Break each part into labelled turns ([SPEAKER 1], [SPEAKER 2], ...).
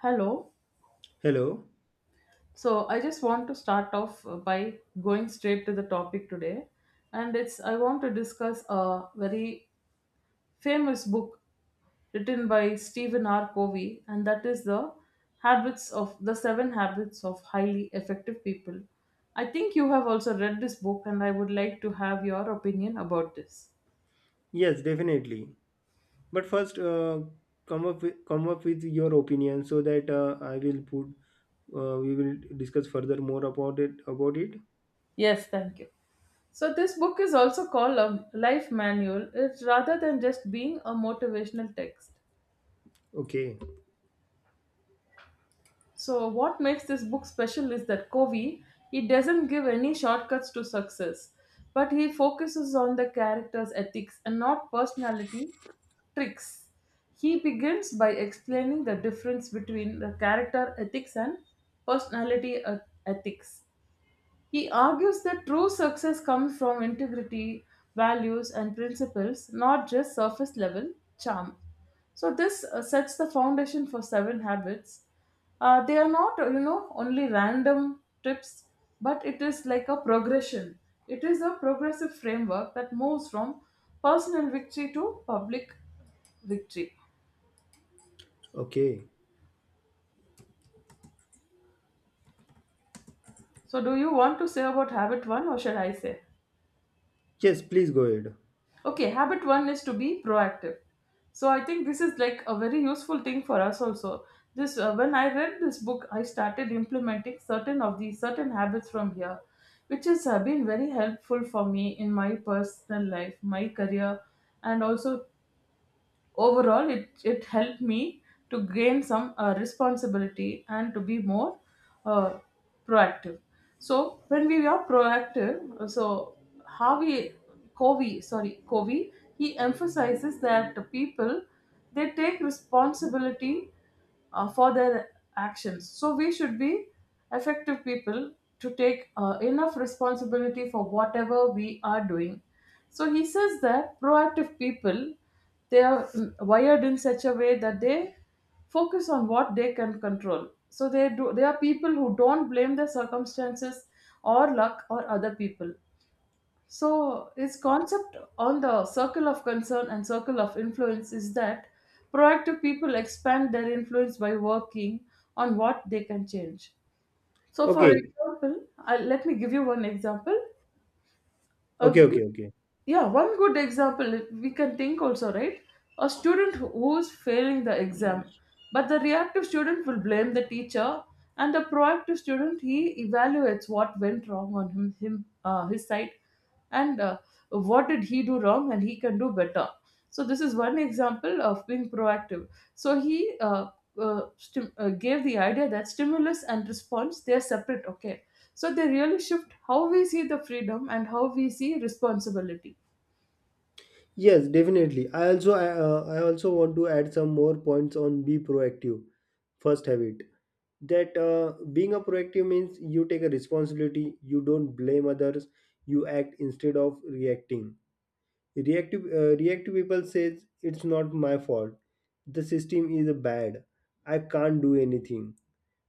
[SPEAKER 1] Hello.
[SPEAKER 2] Hello.
[SPEAKER 1] So I just want to start off by going straight to the topic today, and it's I want to discuss a very famous book written by Stephen R. Covey, and that is the Habits of the Seven Habits of Highly Effective People. I think you have also read this book, and I would like to have your opinion about this.
[SPEAKER 2] Yes, definitely. But first, come up with your opinion so that I will put we will discuss further more about it.
[SPEAKER 1] Yes, thank you. So this book is also called a life manual. It's rather than just being a motivational text.
[SPEAKER 2] Okay.
[SPEAKER 1] So what makes this book special is that Covey he doesn't give any shortcuts to success, but he focuses on the character's ethics and not personality tricks. He begins by explaining the difference between the character ethics and personality ethics. He argues that true success comes from integrity, values, and principles, not just surface level charm. So, this sets the foundation for seven habits. They are not, only random tips, but it is like a progression. It is a progressive framework that moves from personal victory to public victory.
[SPEAKER 2] Okay.
[SPEAKER 1] So, do you want to say about habit one or shall I say?
[SPEAKER 2] Yes, please go ahead.
[SPEAKER 1] Okay, habit one is to be proactive. So I think this is like a very useful thing for us also. This when I read this book, I started implementing certain of these certain habits from here, which has been very helpful for me in my personal life, my career, and also overall it helped me to gain some responsibility and to be more uh, proactive. So when we are proactive, so Harvey Covey, sorry, Covey he emphasizes that the people they take responsibility for their actions. So we should be effective people to take enough responsibility for whatever we are doing. So he says that proactive people they are wired in such a way that they focus on what they can control. So they are people who don't blame their circumstances or luck or other people. So, his concept on the circle of concern and circle of influence is that proactive people expand their influence by working on what they can change. So, for
[SPEAKER 2] Okay.
[SPEAKER 1] example, let me give you one example. A
[SPEAKER 2] Okay. Okay.
[SPEAKER 1] good
[SPEAKER 2] Okay.
[SPEAKER 1] yeah one good example we can think, also, right? A student who's failing the exam, but the reactive student will blame the teacher and the proactive student he evaluates what went wrong on him, him his side, and what did he do wrong and he can do better. So this is one example of being proactive. So he gave the idea that stimulus and response they're separate. Okay, so they really shift how we see the freedom and how we see responsibility.
[SPEAKER 2] Yes, definitely. I also want to add some more points on be proactive. First habit that being a proactive means you take a responsibility. You don't blame others. You act instead of reacting. Reactive people says it's not my fault. The system is bad. I can't do anything.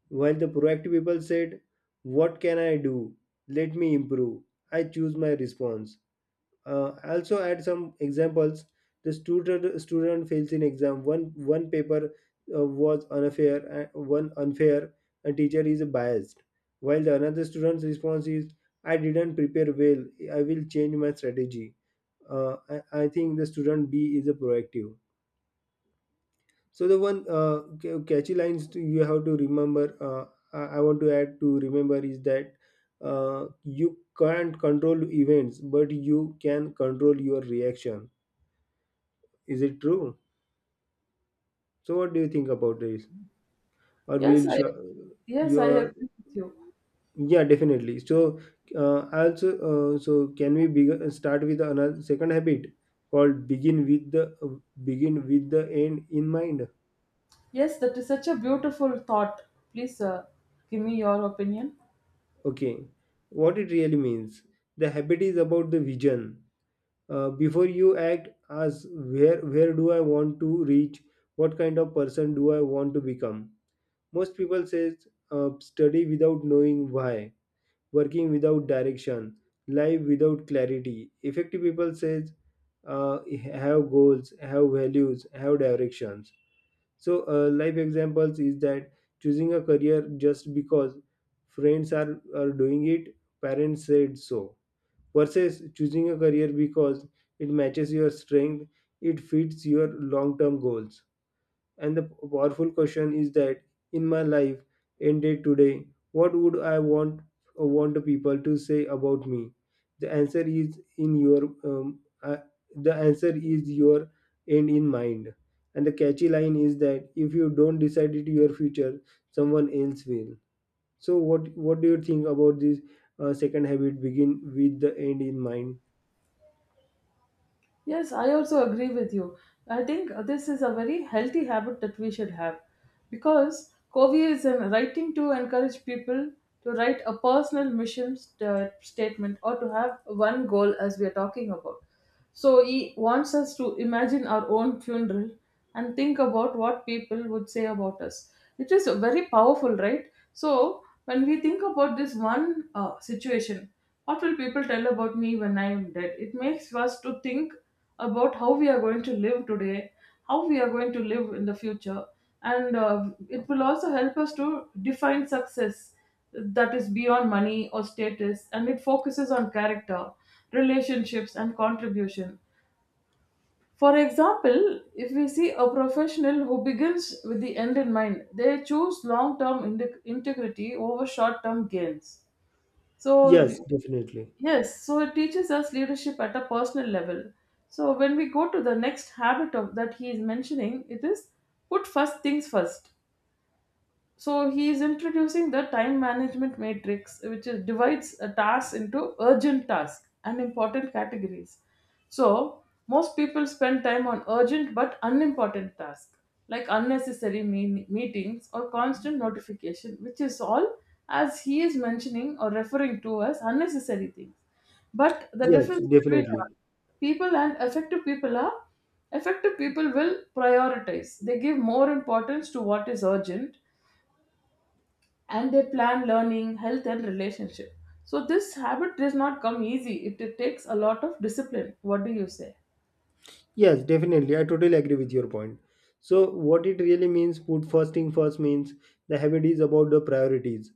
[SPEAKER 2] While the proactive people said, what can I do? Let me improve. I choose my response. Also add some examples. The student fails in exam one paper, was unfair, and one unfair, and teacher is biased, while the another student's response is, I didn't prepare well, I will change my strategy. I think the student b is a proactive. So the one catchy lines to you have to remember. I want to add to remember is that you can't control events, but you can control your reaction. Is it true? So what do you think about this? Or
[SPEAKER 1] Yes,
[SPEAKER 2] will
[SPEAKER 1] I
[SPEAKER 2] sh-
[SPEAKER 1] yes, I
[SPEAKER 2] your
[SPEAKER 1] agree with you.
[SPEAKER 2] Yeah, definitely. So also so can we start with another second habit called begin with the end in mind.
[SPEAKER 1] Yes, that is such a beautiful thought. Please give me your opinion.
[SPEAKER 2] Okay, what it really means. The habit is about the vision. Before you act, ask where do I want to reach? What kind of person do I want to become? Most people says study without knowing why, working without direction, life without clarity. Effective people says uh, have goals, have values, have directions. So, life examples is that choosing a career just because friends are doing it, parents said so, versus choosing a career because it matches your strength, it fits your long term goals. And the powerful question is that in my life ended today, what would I want people to say about me? The answer is your end in mind. And the catchy line is that if you don't decide it your future, someone else will. So what do you think about this second habit begin with the end in mind?
[SPEAKER 1] Yes, I also agree with you. I think this is a very healthy habit that we should have because Covey is in writing to encourage people to write a personal mission statement or to have one goal as we are talking about. So he wants us to imagine our own funeral and think about what people would say about us. It is very powerful, right? So when we think about this one situation, what will people tell about me when I am dead? It makes us to think about how we are going to live today, how we are going to live in the future, and it will also help us to define success that is beyond money or status, and it focuses on character, relationships, and contribution. For example, if we see a professional who begins with the end in mind, they choose long term integrity over short term gains. So,
[SPEAKER 2] Yes, definitely.
[SPEAKER 1] yes, so it teaches us leadership at a personal level. So, when we go to the next habit that he is mentioning, it is put first things first. So he is introducing the time management matrix, divides a task into urgent tasks and important categories. So most people spend time on urgent but unimportant tasks, like unnecessary meetings or constant notification, which is all as he is mentioning or referring to as unnecessary things. But the
[SPEAKER 2] Yes,
[SPEAKER 1] difference between
[SPEAKER 2] definitely.
[SPEAKER 1] people and effective people are effective people will prioritize, they give more importance to what is urgent, and they plan learning, health, and relationship. So this habit does not come easy. It takes a lot of discipline. What do you say?
[SPEAKER 2] Yes, definitely. I totally agree with your point. So, what it really means, put first thing first means the habit is about the priorities.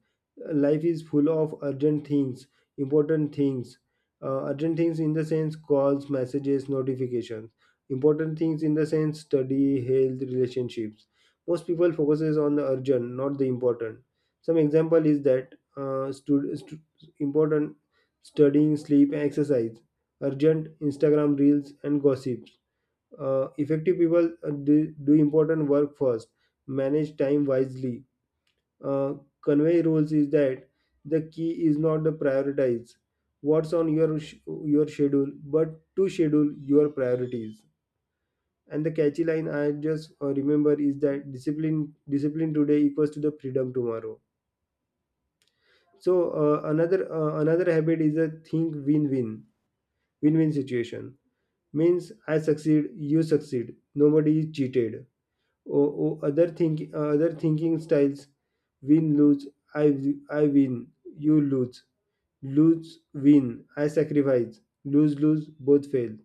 [SPEAKER 2] Life is full of urgent things, important things. Urgent things in the sense calls, messages, notifications. Important things in the sense study, health, relationships. Most people focuses on the urgent, not the important. Some example is that stud- stu- important studying, sleep, and exercise. Urgent Instagram reels and gossips. Effective people do important work first, manage time wisely. Uh, Convey rules is that the key is not the prioritize what's on your schedule, but to schedule your priorities. And the catchy line I just remember is that discipline today equals to the freedom tomorrow. So another habit is a think win win. Win win situation means I succeed, you succeed. Nobody is cheated. Or oh, other think other thinking styles: win lose, I win, you lose. Lose win, I sacrifice. Lose lose, both fail.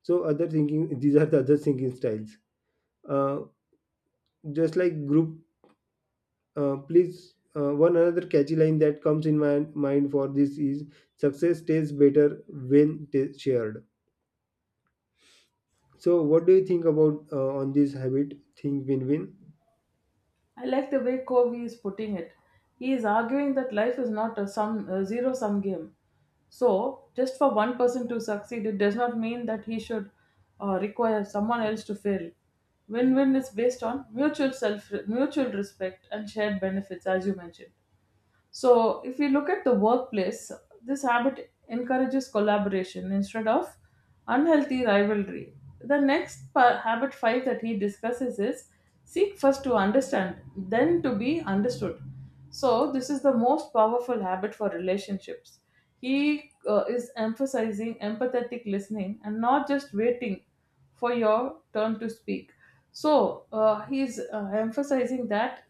[SPEAKER 2] So other thinking these are the other thinking styles. uh, just like group. Please One another catchy line that comes in my mind for this is success tastes better when shared. So what do you think about on this habit think win win?
[SPEAKER 1] I like the way Covey is putting it. He is arguing that life is not a zero sum game. So just for one person to succeed, it does not mean that he should require someone else to fail. Win-win is based on mutual respect, and shared benefits, as you mentioned. So, if you look at the workplace, this habit encourages collaboration instead of unhealthy rivalry. The next habit five that he discusses is seek first to understand, then to be understood. So, this is the most powerful habit for relationships. He is emphasizing empathetic listening and not just waiting for your turn to speak. So he's emphasizing that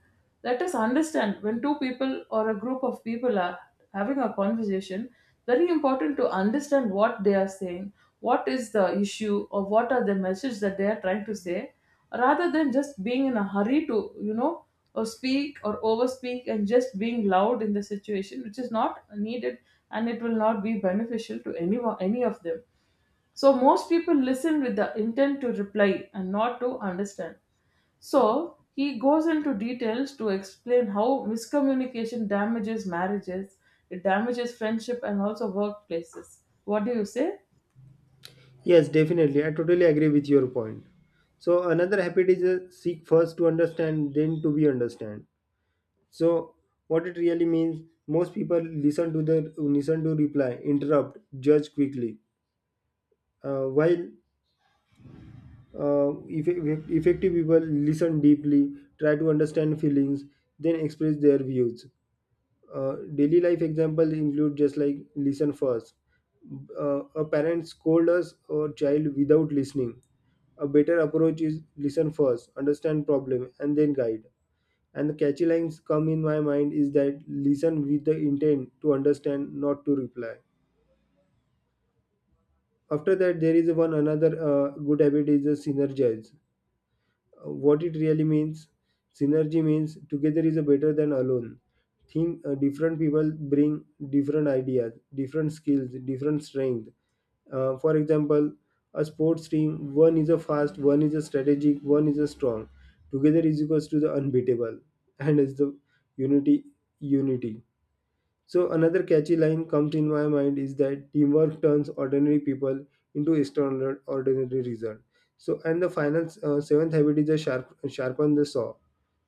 [SPEAKER 1] let us understand when two people or a group of people are having a conversation, very important to understand what they are saying, what is the issue, or what are the message that they are trying to say, rather than just being in a hurry to, or speak or overspeak and just being loud in the situation, which is not needed and it will not be beneficial to anyone, any of them. So most people listen with the intent to reply and not to understand. So he goes into details to explain how miscommunication damages marriages, it damages friendship and also workplaces. What do you say?
[SPEAKER 2] Yes, definitely. I totally agree with your point. So another habit is seek first to understand, then to be understand. So what it really means, most people listen to reply, interrupt, judge quickly. While effective people listen deeply, try to understand feelings, then express their views. Daily life example include just like listen first. A parent scold us or child without listening. A better approach is listen first, understand problem, and then guide. And the catchy lines come in my mind is that listen with the intent to understand, not to reply. After that, there is one another good habit is the synergize. What it really means, synergy means together is a better than alone. Think different people bring different ideas, different skills, different strength. For example, a sports team: one is a fast, one is a strategic, one is a strong. Together is equals to the unbeatable. And is the unity unity. So another catchy line comes in my mind is that teamwork turns ordinary people into extraordinary result. So and the final seventh habit is a sharpen the saw.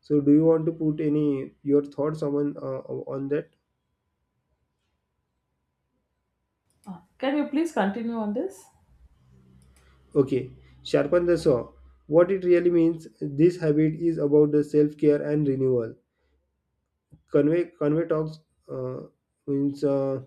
[SPEAKER 2] So do you want to put any your thoughts on that?
[SPEAKER 1] Can you please continue on this?
[SPEAKER 2] Okay, sharpen the saw. What it really means? This habit is about the self care and renewal. Convey talks uh, means.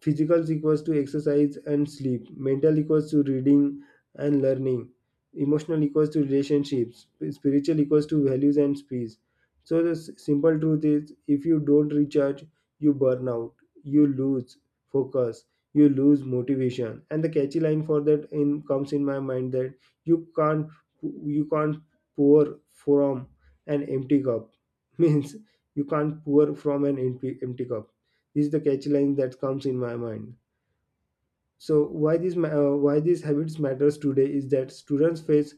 [SPEAKER 2] Physical equals to exercise and sleep. Mental equals to reading and learning. Emotional equals to relationships. Spiritual equals to values and peace. So the simple truth is, if you don't recharge, you burn out. You lose focus. You lose motivation. And the catchy line for that in comes in my mind that you can't you can't pour from an empty cup means you can't pour from an empty cup is the catch line that comes in my mind. So why why these habits matters today is that students face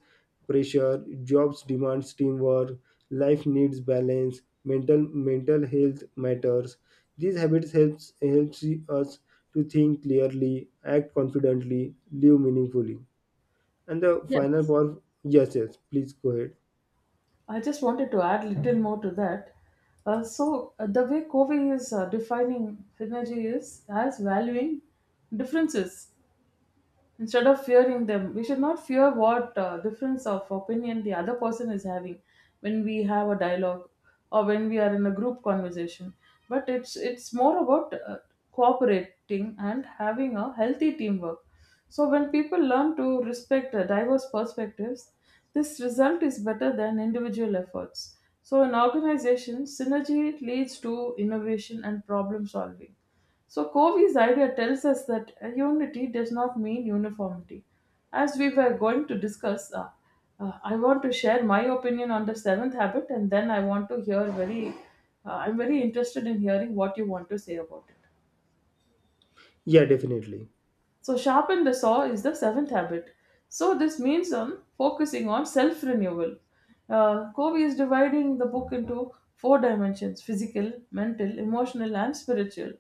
[SPEAKER 2] pressure, jobs demands teamwork, life needs balance, mental health matters. These habits helps us to think clearly, act confidently, live meaningfully. And the final
[SPEAKER 1] Yes.
[SPEAKER 2] part, yes, yes, please go ahead.
[SPEAKER 1] I just wanted to add little more to that. So, the way Covey is defining synergy is as valuing differences instead of fearing them. We should not fear what difference of opinion the other person is having when we have a dialogue or when we are in a group conversation, but it's more about cooperating and having a healthy teamwork. So when people learn to respect diverse perspectives, this result is better than individual efforts. So in organizations, synergy leads to innovation and problem solving. So Covey's idea tells us that unity does not mean uniformity. As we were going to discuss, I want to share my opinion on the seventh habit, and then I want to hear very. I'm very interested in hearing what you want to say about it.
[SPEAKER 2] Yeah, definitely.
[SPEAKER 1] So, sharpen the saw is the seventh habit. So, this means on focusing on self renewal. Covey is dividing the book into four dimensions: physical, mental, emotional, and spiritual.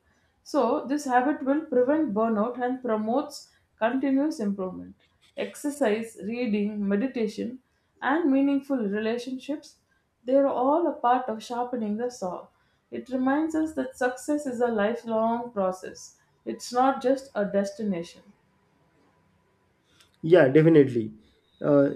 [SPEAKER 1] So, this habit will prevent burnout and promotes continuous improvement. Exercise, reading, meditation, and meaningful relationships, they are all a part of sharpening the saw. It reminds us that success is a lifelong process, it's not just a destination.
[SPEAKER 2] Yeah, definitely. Uh,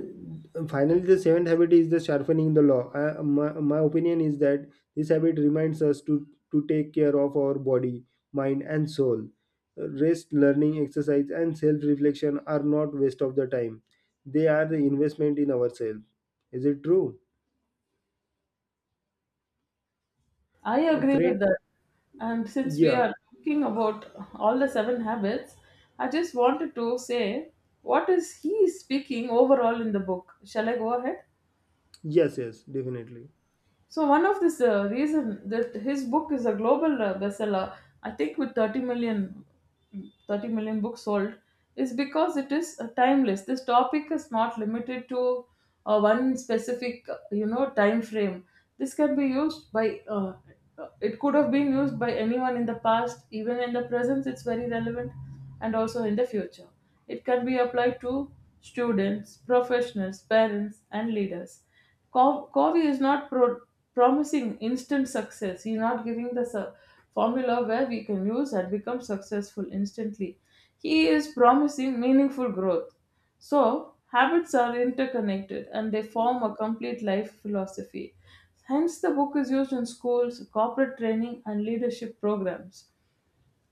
[SPEAKER 2] Finally, the seventh habit is the sharpening the law. My opinion is that this habit reminds us to take care of our body, mind, and soul. Rest, learning, exercise, and self reflection are not waste of the time. They are the investment in ourselves. Is it true?
[SPEAKER 1] I agree
[SPEAKER 2] Friend,
[SPEAKER 1] with that. And since we
[SPEAKER 2] yeah,
[SPEAKER 1] are talking about all the seven habits, I just wanted to say, what is he speaking overall in the book? Shall I go ahead?
[SPEAKER 2] yes, yes, definitely.
[SPEAKER 1] So one of this reason that his book is a global bestseller, I think with thirty million books sold, is because it is timeless. This topic is not limited to one specific, time frame. This can be used it could have been used by anyone in the past, even in the present, it's very relevant, and also in the future. It can be applied to students, professionals, parents, and leaders. Covey is not promising instant success. He's not giving the formula where we can use and become successful instantly. He is promising meaningful growth. So, habits are interconnected and they form a complete life philosophy. Hence, the book is used in schools, corporate training, and leadership programs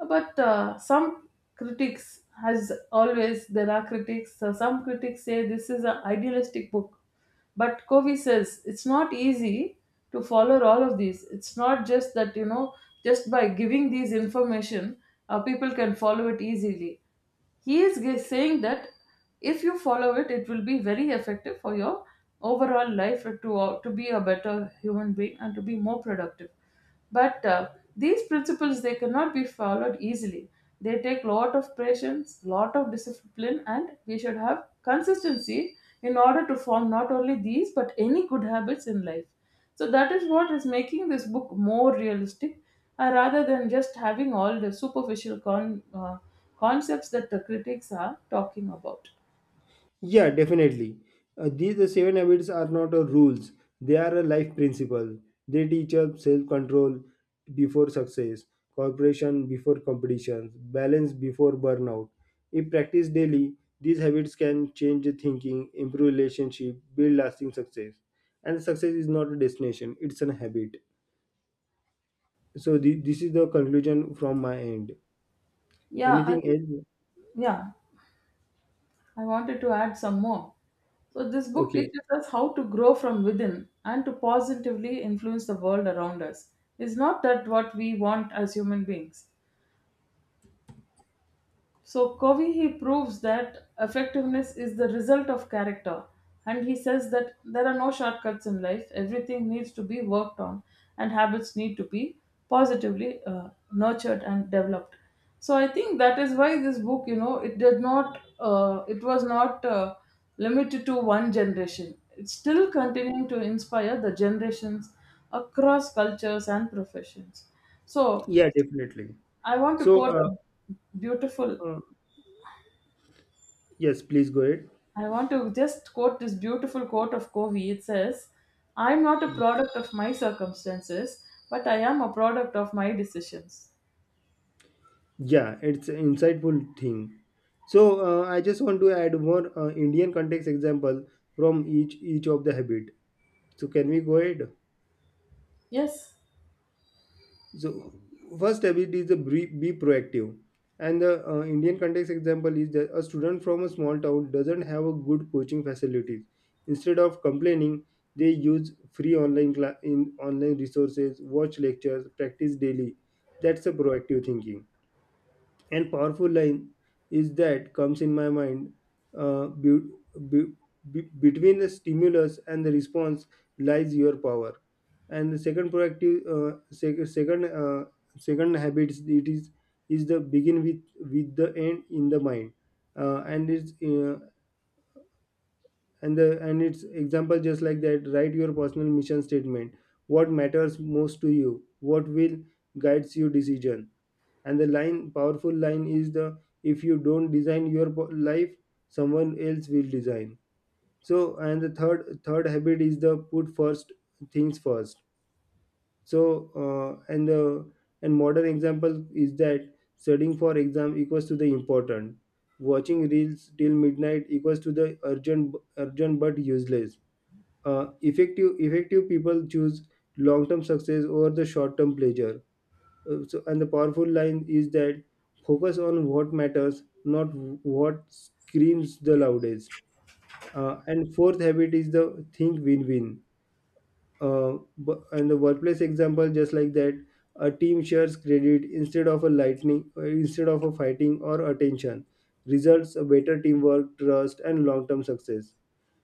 [SPEAKER 1] but some critics, as always there are critics, some critics say this is an idealistic book. But Covey says it's not easy to follow all of these. It's not just that just by giving these information, people can follow it easily. He is saying that if you follow it, it will be very effective for your overall life, to be a better human being and to be more productive. But these principles, they cannot be followed easily. They take lot of patience, lot of discipline, and we should have consistency in order to form not only these but any good habits in life. So that is what is making this book more realistic, rather than just having all the superficial concepts that the critics are talking about.
[SPEAKER 2] Yeah, definitely. These the seven habits are not a rules; they are a life principle. They teach us self-control before success, cooperation before competition, balance before burnout. If practiced daily, these habits can change your thinking, improve relationship, build lasting success. And success is not a destination; it's a habit. So this is the conclusion from my end.
[SPEAKER 1] Yeah,
[SPEAKER 2] Anything else?
[SPEAKER 1] yeah, I wanted to add some more. So this book
[SPEAKER 2] Okay.
[SPEAKER 1] teaches us how to grow from within and to positively influence the world around us. Is not that what we want as human beings? So Covey, he proves that effectiveness is the result of character, and he says that there are no shortcuts in life. Everything needs to be worked on, and habits need to be positively, nurtured and developed. So I think that is why this book, you know, it did not, it was not limited to one generation. It's still continuing to inspire the generations across cultures and professions. So
[SPEAKER 2] Yeah, definitely.
[SPEAKER 1] I want to
[SPEAKER 2] So,
[SPEAKER 1] quote a beautiful
[SPEAKER 2] uh, yes, please go ahead.
[SPEAKER 1] I want to just quote this beautiful quote of Covey. It says, I am not a product of my circumstances, but I am a product of my decisions.
[SPEAKER 2] Yeah, it's an insightful thing. So I just want to add more Indian context example from each of the habit. So can we go ahead?
[SPEAKER 1] Yes,
[SPEAKER 2] So first habit is the be proactive, and the Indian context example is that a student from a small town doesn't have a good coaching facilities. Instead of complaining, they use free online cla- in online resources, watch lectures, practice daily. That's a proactive thinking, and powerful line is that comes in my mind, uh, be- be- be- between the stimulus and the response lies your power. And the second proactive sec- second second habits, it is the begin with the end in the mind. Uh, and it's uh, and the and it's example just like that, write your personal mission statement, what matters most to you, what will guides your decision. And the line powerful line is, the if you don't design your life, someone else will design. So and the third habit is the put first things first. So and the and modern example is that studying for exam equals to the important, watching reels till midnight equals to the urgent, urgent but useless. Effective people choose long term success over the short term pleasure. So, and the powerful line is that focus on what matters, not what screams the loudest. And fourth habit is the think win-win. And the workplace example, just like that, a team shares credit instead of a lightning, instead of a fighting or attention. Results a better teamwork, trust, and long-term success.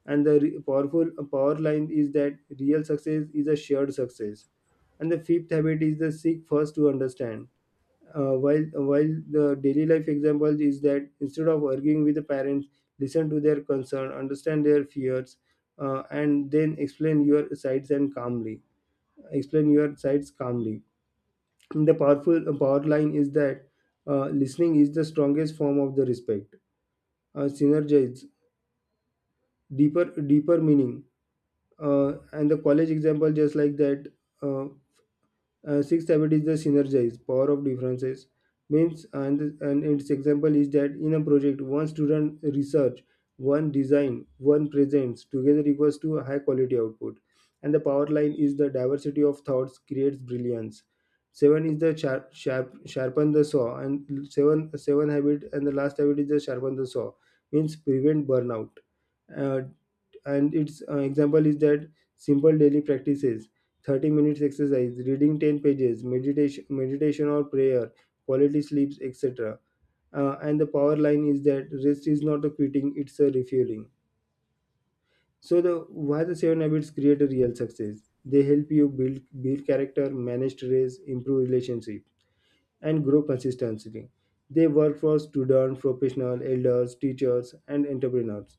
[SPEAKER 2] And the powerful power line is that real success is a shared success. And the fifth habit is the seek first to understand. While the daily life example is that instead of arguing with the parents, listen to their concern, understand their fears, and then explain your sides calmly. The powerful power line is that listening is the strongest form of the respect. Synergize, deeper meaning. And the college example just like that. Uh, Sixth habit is the synergize power of differences, means and its example is that in a project, one student research, one design, one presents, together equals to a high quality output. And the power line is the diversity of thoughts creates brilliance. Seven is the sharpen the saw, and seven habit, and the last habit is the sharpen the saw means prevent burnout. uh, and its example is that simple daily practices: 30 minutes exercise, reading 10 pages, meditation or prayer, quality sleeps, etc. And the power line is that rest is not a quitting, it's a refueling. So the why the seven habits create a real success? They help you build character, manage stress, improve relationship, and grow consistently. They work for students, professionals, elders, teachers, and entrepreneurs.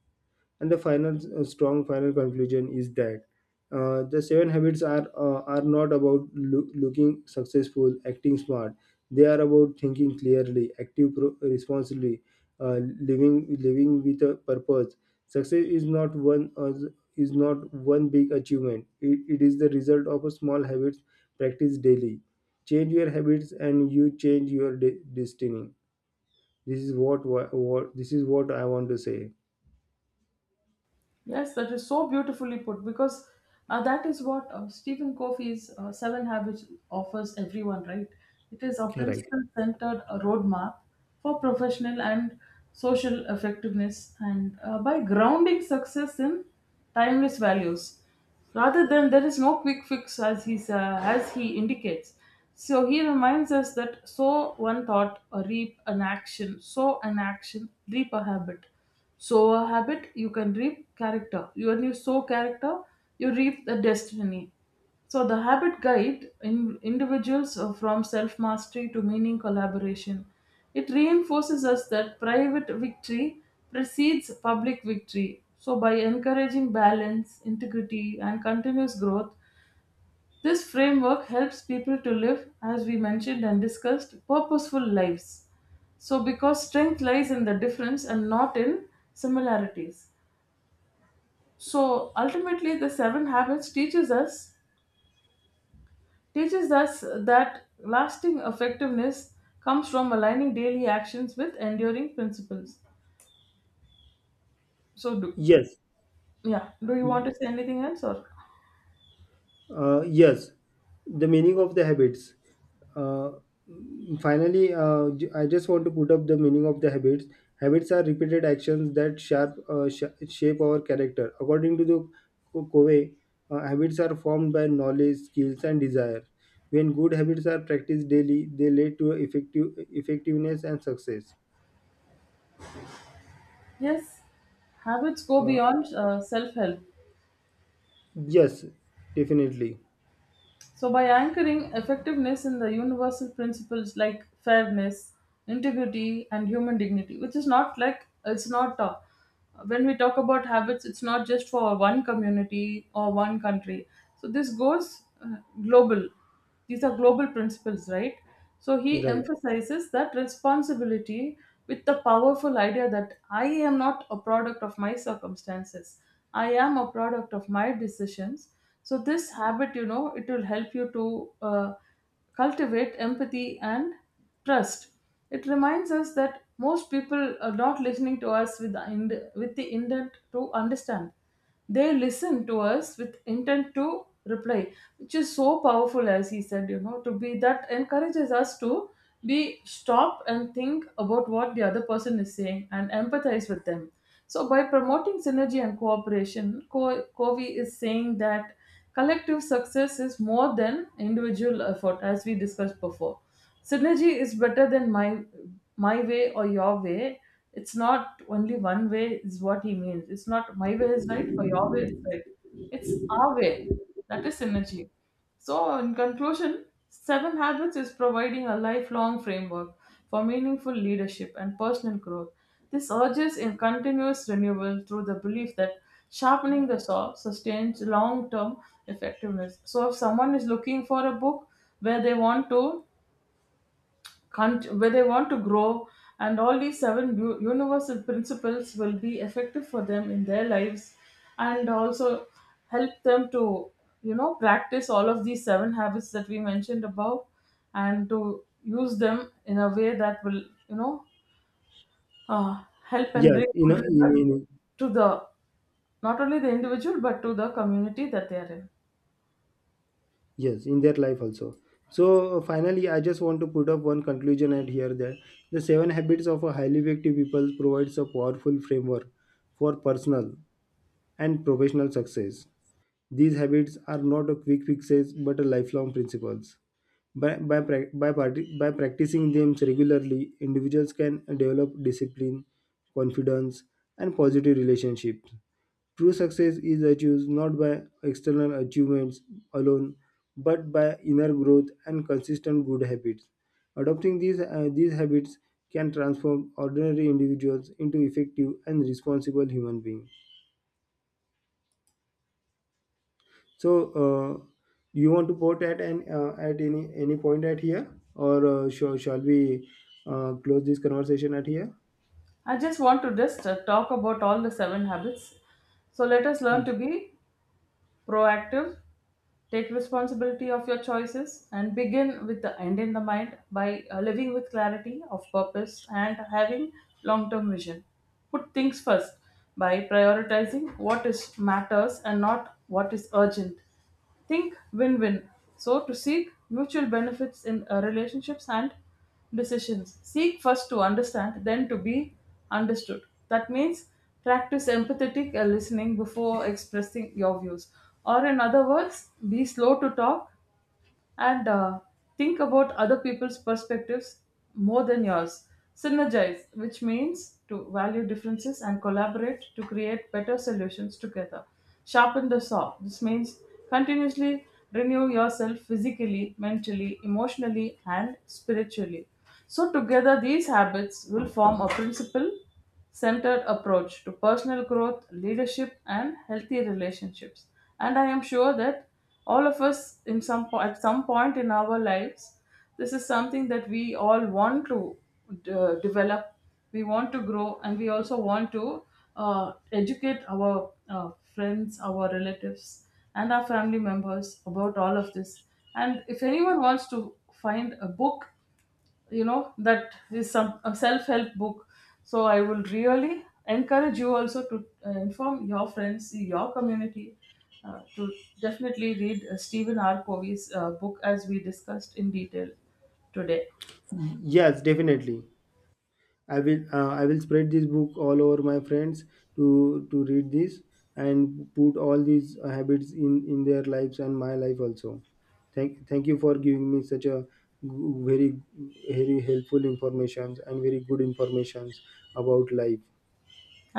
[SPEAKER 2] And the final strong final conclusion is that the seven habits are not about looking successful, acting smart. They are about thinking clearly, active responsibly, living with a purpose. Success is not one uh, is not one big achievement. It is the result of a small habits practiced daily. Change your habits, and you change your destiny. This is what I want to say.
[SPEAKER 1] yes, that is so beautifully put because that is what Stephen Covey's Seven Habits offers everyone, right? It is a
[SPEAKER 2] Right.
[SPEAKER 1] principle centered roadmap for professional and social effectiveness, and by grounding success in timeless values, rather than there is no quick fix, as as he indicates. So he reminds us that sow one thought, reap an action, sow an action, reap a habit, sow a habit, you can reap character. When you sow character, you reap the destiny. So the habit guide in individuals from self mastery to meaning collaboration. It reinforces us that private victory precedes public victory. So by encouraging balance, integrity, and continuous growth, this framework helps people to live, as we mentioned and discussed, purposeful lives. So, because strength lies in the difference and not in similarities. So, ultimately, the seven habits teaches us that lasting effectiveness comes from aligning daily actions with enduring principles. So, do
[SPEAKER 2] Yes.
[SPEAKER 1] Yeah, do you want to say anything else or?
[SPEAKER 2] Yes, the meaning of the habits. Uh, Finally, I just want to put up the meaning of the habits. Habits are repeated actions that shape our character. According to the Covey, habits are formed by knowledge, skills, and desire. When good habits are practiced daily, they lead to effectiveness and success.
[SPEAKER 1] Yes, habits go
[SPEAKER 2] Uh,
[SPEAKER 1] beyond self help.
[SPEAKER 2] yes, definitely.
[SPEAKER 1] So, by anchoring effectiveness in the universal principles like fairness, integrity, and human dignity, which is not like it's not, when we talk about habits, it's not just for one community or one country. So this goes global. These are global principles, right? So he
[SPEAKER 2] Right.
[SPEAKER 1] emphasizes that responsibility with the powerful idea that I am not a product of my circumstances, I am a product of my decisions. So this habit, you know, it will help you to uh, cultivate empathy and trust. It reminds us that most people are not listening to us with the, with the intent to understand. They listen to us with intent to reply, which is so powerful. As he said, you know, to be, that encourages us to be stop and think about what the other person is saying and empathize with them. So by promoting synergy and cooperation, Covey is saying that collective success is more than individual effort. As we discussed before, synergy is better than my way or your way. It's not only one way is what he means. It's not my way is right or your way is right, it's our way. That is synergy. So in conclusion, seven habits is providing a lifelong framework for meaningful leadership and personal growth. This urges in continuous renewal through the belief that sharpening the saw sustains long-term effectiveness. So if someone is looking for a book where they want to where they want to grow, and all these seven universal principles will be effective for them in their lives, and also help them to, you know, practice all of these seven habits that we mentioned above, and to use them in a way that will, you know, help and
[SPEAKER 2] Yes,
[SPEAKER 1] bring
[SPEAKER 2] in, a,
[SPEAKER 1] good
[SPEAKER 2] in,
[SPEAKER 1] results
[SPEAKER 2] in
[SPEAKER 1] to the, not only the individual but to the community that they are in.
[SPEAKER 2] yes in their life also. So finally, I just want to put up one conclusion at here, that the seven habits of a highly effective people provides a powerful framework for personal and professional success. These habits are not a quick fixes but a lifelong principles. By practicing them regularly, individuals can develop discipline, confidence, and positive relationships. True success is achieved not by external achievements alone, but by inner growth and consistent good habits. Adopting these habits can transform ordinary individuals into effective and responsible human beings. So, uh, do you want to port at an at any point at here, or shall we close this conversation at here?
[SPEAKER 1] I just want to just talk about all the seven habits. So let us learn to be proactive, take responsibility of your choices, and begin with the end in the mind by living with clarity of purpose and having long term vision. Put things first by prioritizing what is matters and not what is urgent. Think win win. So, to seek mutual benefits in relationships and decisions. Seek first to understand, then to be understood. That means practice empathetic listening before expressing your views. Or, in other words, be slow to talk and think about other people's perspectives more than yours. Synergize, which means to value differences and collaborate to create better solutions together. Sharpen the saw, this means continuously renew yourself physically, mentally, emotionally, and spiritually. So, together, these habits will form a principle centered approach to personal growth, leadership, and healthy relationships. And I am sure that all of us, in some at some point in our lives, this is something that we all want to develop. We want to grow, and we also want to educate our friends, our relatives, and our family members about all of this. And if anyone wants to find a book, you know, that is some a self-help book, so I will really encourage you also to inform your friends, your community, to definitely read Stephen R Covey's book, as we discussed in detail today.
[SPEAKER 2] Yes, definitely. I will spread this book all over my friends to read this and put all these habits in their lives and my life also. Thank you for giving me such a g- very very helpful informations and very good informations about life.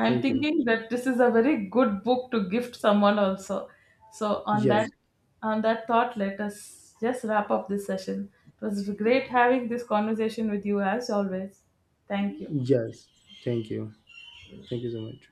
[SPEAKER 1] I'm
[SPEAKER 2] Thank you.
[SPEAKER 1] thinking that this is a very good book to gift someone also. so on that
[SPEAKER 2] Yes.
[SPEAKER 1] on that thought, let us just wrap up this session. It was great having this conversation with you, as always. Thank you.
[SPEAKER 2] Yes. Thank you. Thank you so much.